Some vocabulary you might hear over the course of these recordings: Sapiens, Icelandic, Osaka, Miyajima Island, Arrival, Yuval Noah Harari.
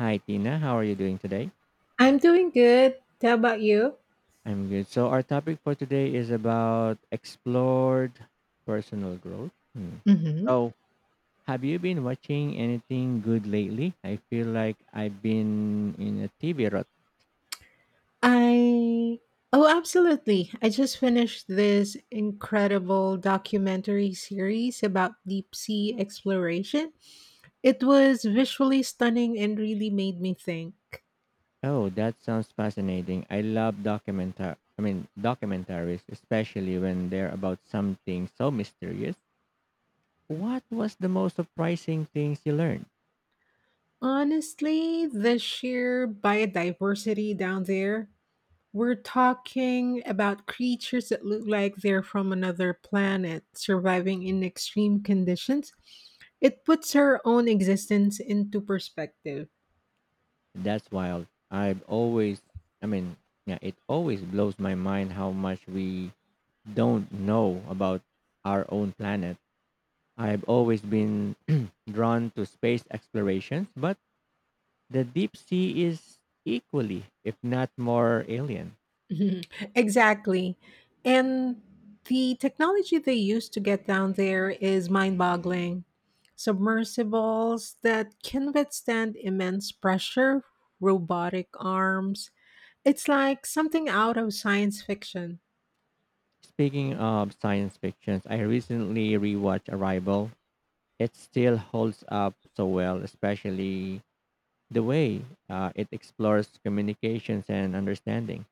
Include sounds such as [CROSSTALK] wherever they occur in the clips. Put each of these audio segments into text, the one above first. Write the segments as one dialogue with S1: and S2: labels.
S1: Hi, Tina. How are you doing today?
S2: I'm doing good. How about you?
S1: I'm good. So, our topic for today is about explored personal growth. Hmm.
S2: Hmm
S1: So, have you been watching anything good lately? I feel like I've been in a TV rut.
S2: I Oh, absolutely. I just finished this incredible documentary series about deep sea exploration. It was visually stunning and really made me think.
S1: Oh, that sounds fascinating. I love documentaries, especially when they're about something so mysterious. What was the most surprising things you learned?
S2: Honestly, the sheer biodiversity down there. We're talking about creatures that look like they're from another planet, surviving in extreme conditions. It puts her own existence into perspective.
S1: That's wild. I've always, I mean, Yeah, it always blows my mind how much we don't know about our own planet. I've always been [CLEARS THROAT] drawn to space explorations, but the deep sea is equally, if not more, alien.
S2: Mhm, exactly. And the technology they use to get down there is mind boggling. Submersibles that can withstand immense pressure, robotic arms. It's like something out of science fiction.
S1: Speaking of science fictions, I recently rewatched Arrival. It still holds up so well, especially the way it explores communications and understanding.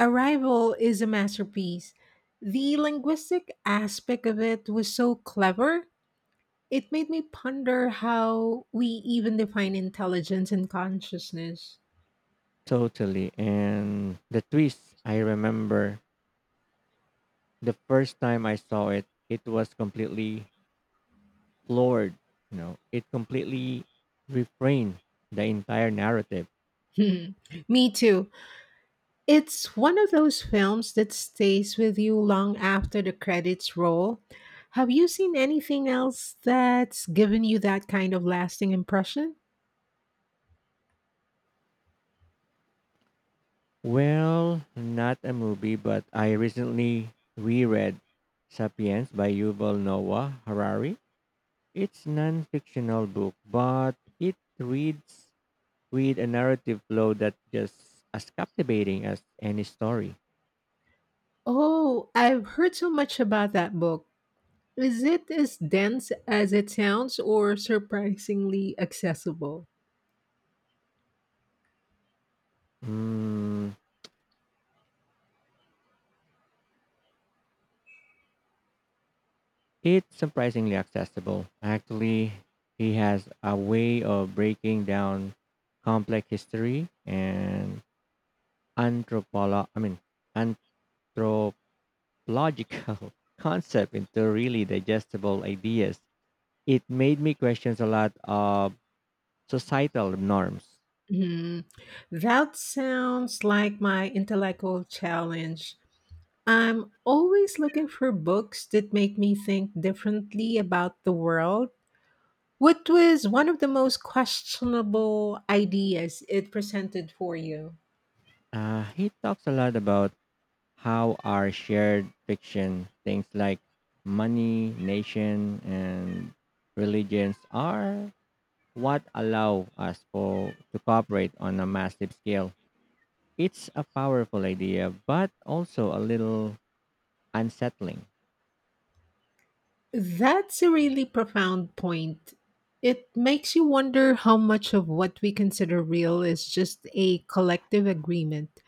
S2: Arrival is a masterpiece. The linguistic aspect of it was so clever, it made me ponder how we even define intelligence and consciousness. [LAUGHS]
S1: Totally. And the twist, I remember the first time I saw it, it was completely floored. You know, it completely reframed the entire narrative.
S2: Hmm. Me too. It's one of those films that stays with you long after the credits roll. Have you seen anything else that's given you that kind of lasting impression?
S1: Well, not a movie, but I recently reread Sapiens by Yuval Noah Harari. It's non-fictional book, but it reads with a narrative flow that just as captivating as any story.
S2: Oh, I've heard so much about that book. Is it as dense as it sounds or surprisingly accessible?
S1: Mm, it's surprisingly accessible. Actually, he has a way of breaking down complex history and anthropolo I mean anthropological [LAUGHS] concept into really digestible ideas. It made me question a lot of societal norms.
S2: Hmm, that sounds like my intellectual challenge. I'm always looking for books that make me think differently about the world. Which was one of the most questionable ideas it presented for you?
S1: He talks a lot about how our shared fiction, things like money, nation, and religions, are what allow us for to cooperate on a massive scale. It's a powerful idea, but also a little unsettling.
S2: That's a really profound point. It makes you wonder how much of what we consider real is just a collective agreement.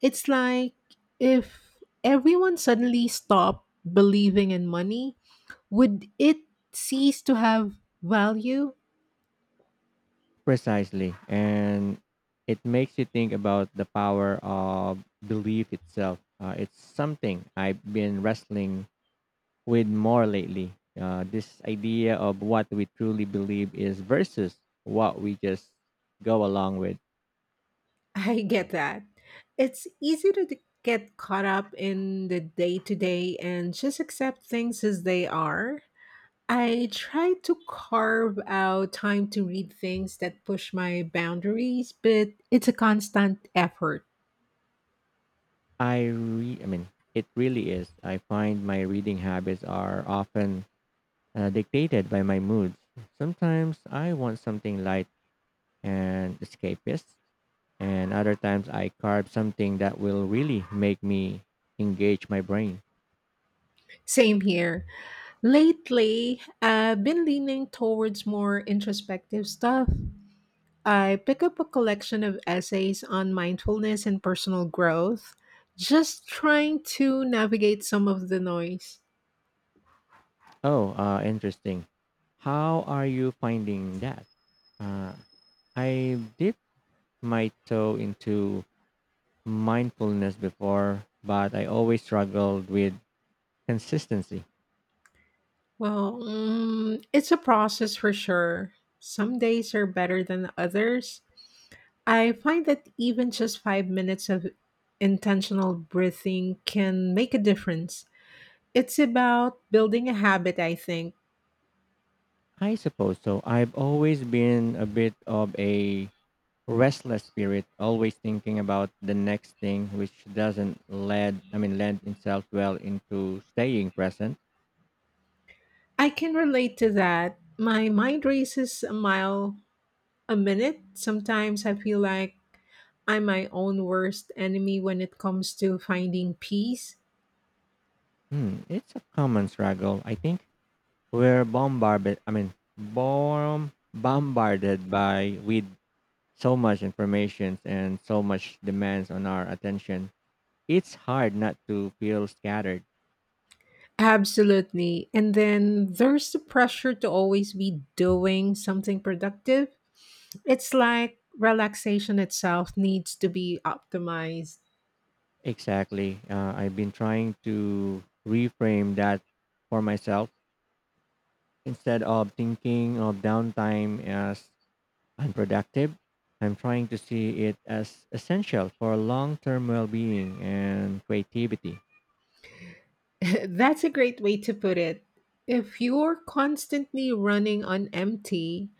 S2: It's like, if everyone suddenly stopped believing in money, would it cease to have value?
S1: Precisely, and it makes you think about the power of belief itself. It's something I've been wrestling with more lately. This idea of what we truly believe is versus what we just go along with.
S2: [LAUGHS] I get that. It's easy to get caught up in the day to day and just accept things as they are. I try to carve out time to read things that push my boundaries, but it's a constant effort.
S1: I re- I mean, It really is. I find my reading habits are often dictated by my moods. Sometimes I want something light and escapist, and other times I carve something that will really make me engage my brain.
S2: Same here. Lately, I've been leaning towards more introspective stuff. I pick up a collection of essays on mindfulness and personal growth, just trying to navigate some of the noise.
S1: Oh, interesting. How are you finding that? Uh, I did my toe into mindfulness before, but I always struggled with consistency.
S2: Well, it's a process for sure. Some days are better than others. I find that even just 5 minutes of intentional breathing can make a difference. It's about building a habit, I think.
S1: I suppose so. I've always been a bit of a restless spirit, always thinking about the next thing, which doesn't lend, I mean, lend itself well into staying present.
S2: I can relate to that. My mind races a mile a minute. Sometimes I feel like I'm my own worst enemy when it comes to finding peace.
S1: Hmm, it's a common struggle, I think. We're bombarded, I mean, bomb, bombarded by with so much information and so much demands on our attention it's hard not to feel scattered.
S2: Absolutely. And then there's the pressure to always be doing something productive. It's like relaxation itself needs to be optimized.
S1: Exactly. I've been trying to reframe that for myself. Instead of thinking of downtime as unproductive, I'm trying to see it as essential for long term well being and creativity.
S2: [LAUGHS] That's a great way to put it. If you're constantly running on empty,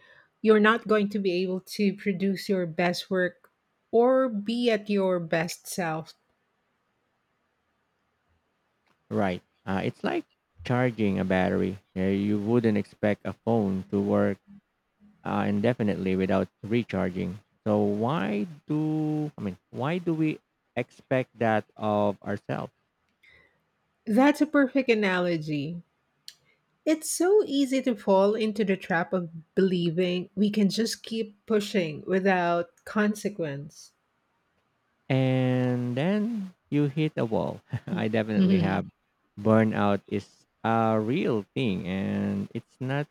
S2: you're not going to be able to produce your best work or be at your best self.
S1: Right. It's like charging a battery. You wouldn't expect a phone to work indefinitely without recharging. So why do we expect that of ourselves?
S2: That's a perfect analogy. It's so easy to fall into the trap of believing we can just keep pushing without consequence.
S1: And then you hit a wall. [LAUGHS] I definitely
S2: Mhm.
S1: have burnout is a real thing and it's not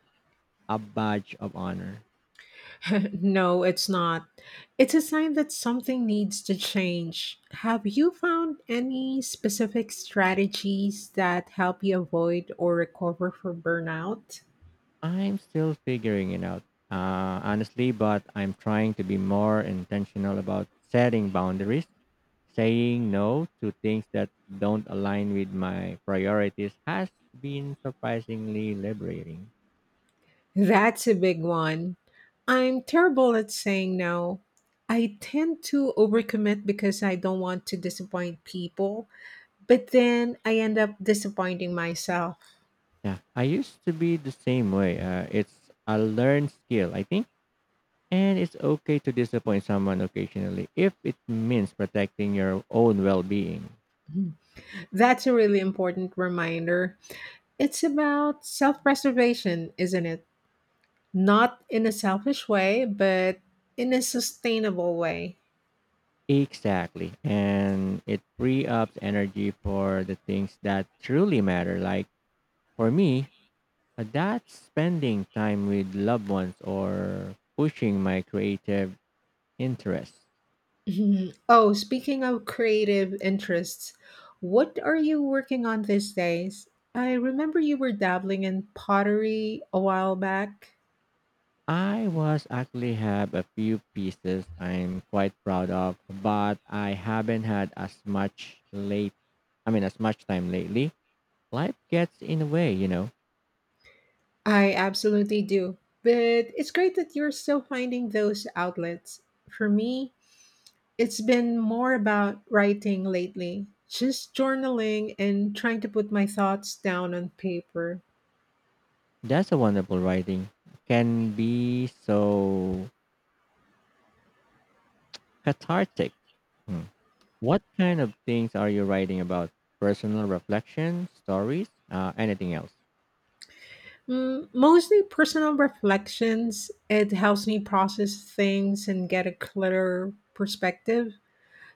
S1: a badge of honor.
S2: [LAUGHS] No, it's not. It's a sign that something needs to change. Have you found any specific strategies that help you avoid or recover from burnout?
S1: I'm still figuring it out. Honestly, but I'm trying to be more intentional about setting boundaries. Saying no to things that don't align with my priorities has been surprisingly liberating.
S2: That's a big one. I'm terrible at saying no. I tend to overcommit because I don't want to disappoint people, but then I end up disappointing myself.
S1: Yeah, I used to be the same way. It's a learned skill, I think. And it's okay to disappoint someone occasionally if it means protecting your own well being.
S2: That's a really important reminder. It's about self preservation, isn't it? Not in a selfish way, but in a sustainable way.
S1: Exactly. And it free up energy for the things that truly matter. Like for me, that's spending time with loved ones or pushing my creative interest.
S2: Mhm. Oh, speaking of creative interests, what are you working on these days? I remember you were dabbling in pottery a while back.
S1: I was actually have a few pieces I'm quite proud of, but I haven't had as much time lately. Life gets in the way, you know.
S2: I absolutely do. But it's great that you're still finding those outlets. For me, it's been more about writing lately, just journaling and trying to put my thoughts down on paper.
S1: That's a wonderful writing. Can be so cathartic. Hmm. What kind of things are you writing about? Personal reflection, stories, anything else?
S2: Mm, mostly personal reflections. It helps me process things and get a clearer perspective.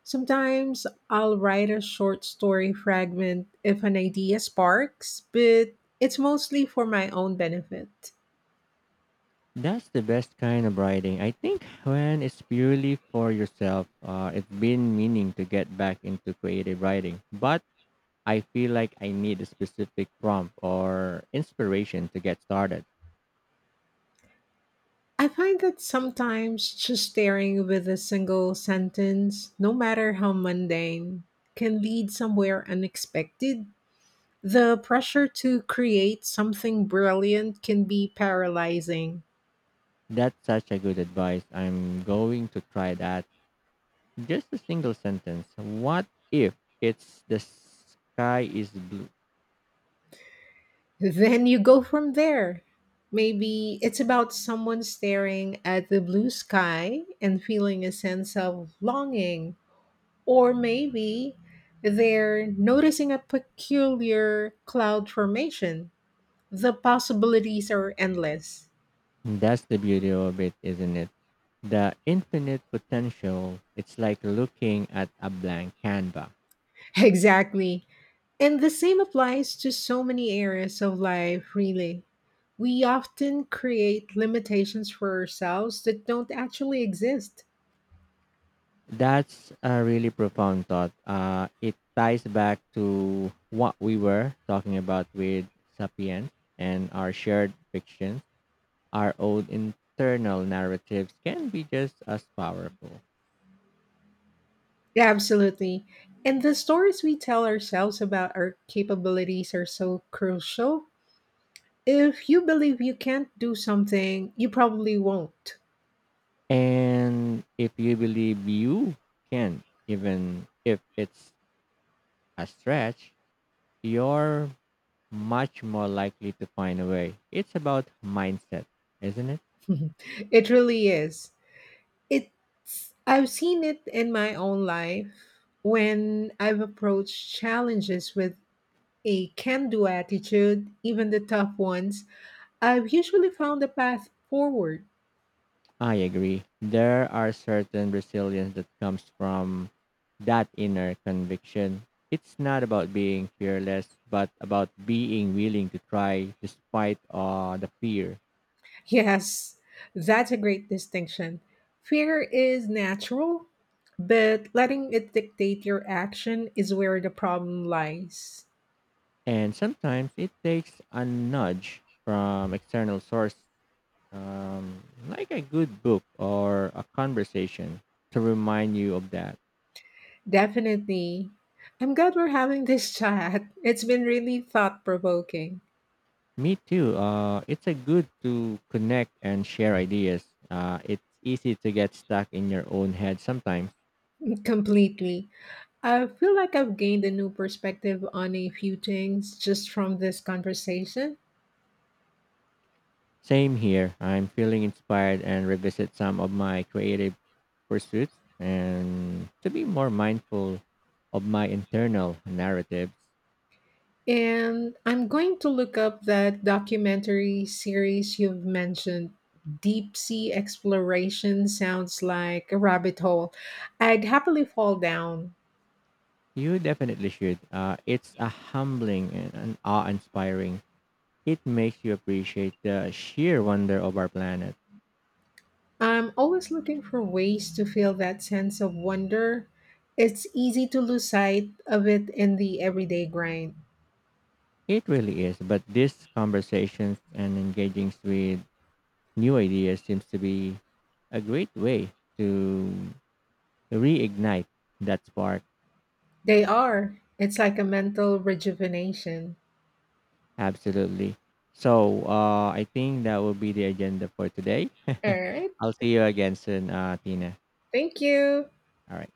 S2: Sometimes I'll write a short story fragment if an idea sparks, but it's mostly for my own benefit.
S1: That's the best kind of writing. I think when it's purely for yourself, it's been meaning to get back into creative writing, but I feel like I need a specific prompt or inspiration to get started.
S2: I find that sometimes just staring with a single sentence, no matter how mundane, can lead somewhere unexpected. The pressure to create something brilliant can be paralyzing.
S1: That's such a good advice. I'm going to try that. Just a single sentence. What if it's the sky is blue?
S2: Then you go from there. Maybe it's about someone staring at the blue sky and feeling a sense of longing. Or maybe they're noticing a peculiar cloud formation. The possibilities are endless.
S1: That's the beauty of it, isn't it? The infinite potential. It's like looking at a blank canvas.
S2: [LAUGHS] Exactly. And the same applies to so many areas of life, really. We often create limitations for ourselves that don't actually exist.
S1: That's a really profound thought. It ties back to what we were talking about with Sapiens and our shared fictions. Our own internal narratives can be just as powerful.
S2: Absolutely. And the stories we tell ourselves about our capabilities are so crucial. If you believe you can't do something, you probably won't.
S1: And if you believe you can, even if it's a stretch, you're much more likely to find a way. It's about mindset, isn't it?
S2: [LAUGHS] It really is. It's I've seen it in my own life when I've approached challenges with a can-do attitude. Even the tough ones, I've usually found a path forward.
S1: I agree. There are certain resilience that comes from that inner conviction. It's not about being fearless, but about being willing to try despite the fear.
S2: Yes, that's a great distinction. Fear is natural, but letting it dictate your action is where the problem lies.
S1: And sometimes it takes a nudge from external source, like a good book or a conversation, to remind you of that.
S2: Definitely. I'm glad we're having this [LAUGHS] chat. It's been really thought provoking.
S1: Me too. It's a good to connect and share ideas. It's easy to get stuck in your own head sometimes.
S2: [LAUGHS] Completely. I feel like I've gained a new perspective on a few things just from this conversation.
S1: Same here. I'm feeling inspired and revisit some of my creative pursuits and to be more mindful of my internal narratives.
S2: And I'm going to look up that documentary series you've mentioned. Deep sea exploration sounds like a rabbit hole I'd happily fall down.
S1: You definitely should. It's a humbling and an awe-inspiring. It makes you appreciate the sheer wonder of our planet.
S2: I'm always looking for ways to feel that sense of wonder. It's easy to lose sight of it in the everyday grind.
S1: It really is. But these conversations and engaging with new ideas seems to be a great way to reignite that spark.
S2: They are. It's like a mental rejuvenation.
S1: Absolutely. So I think that will be the agenda for today.
S2: All
S1: [LAUGHS]
S2: right.
S1: I'll see you again soon, Tina.
S2: Thank you.
S1: All right.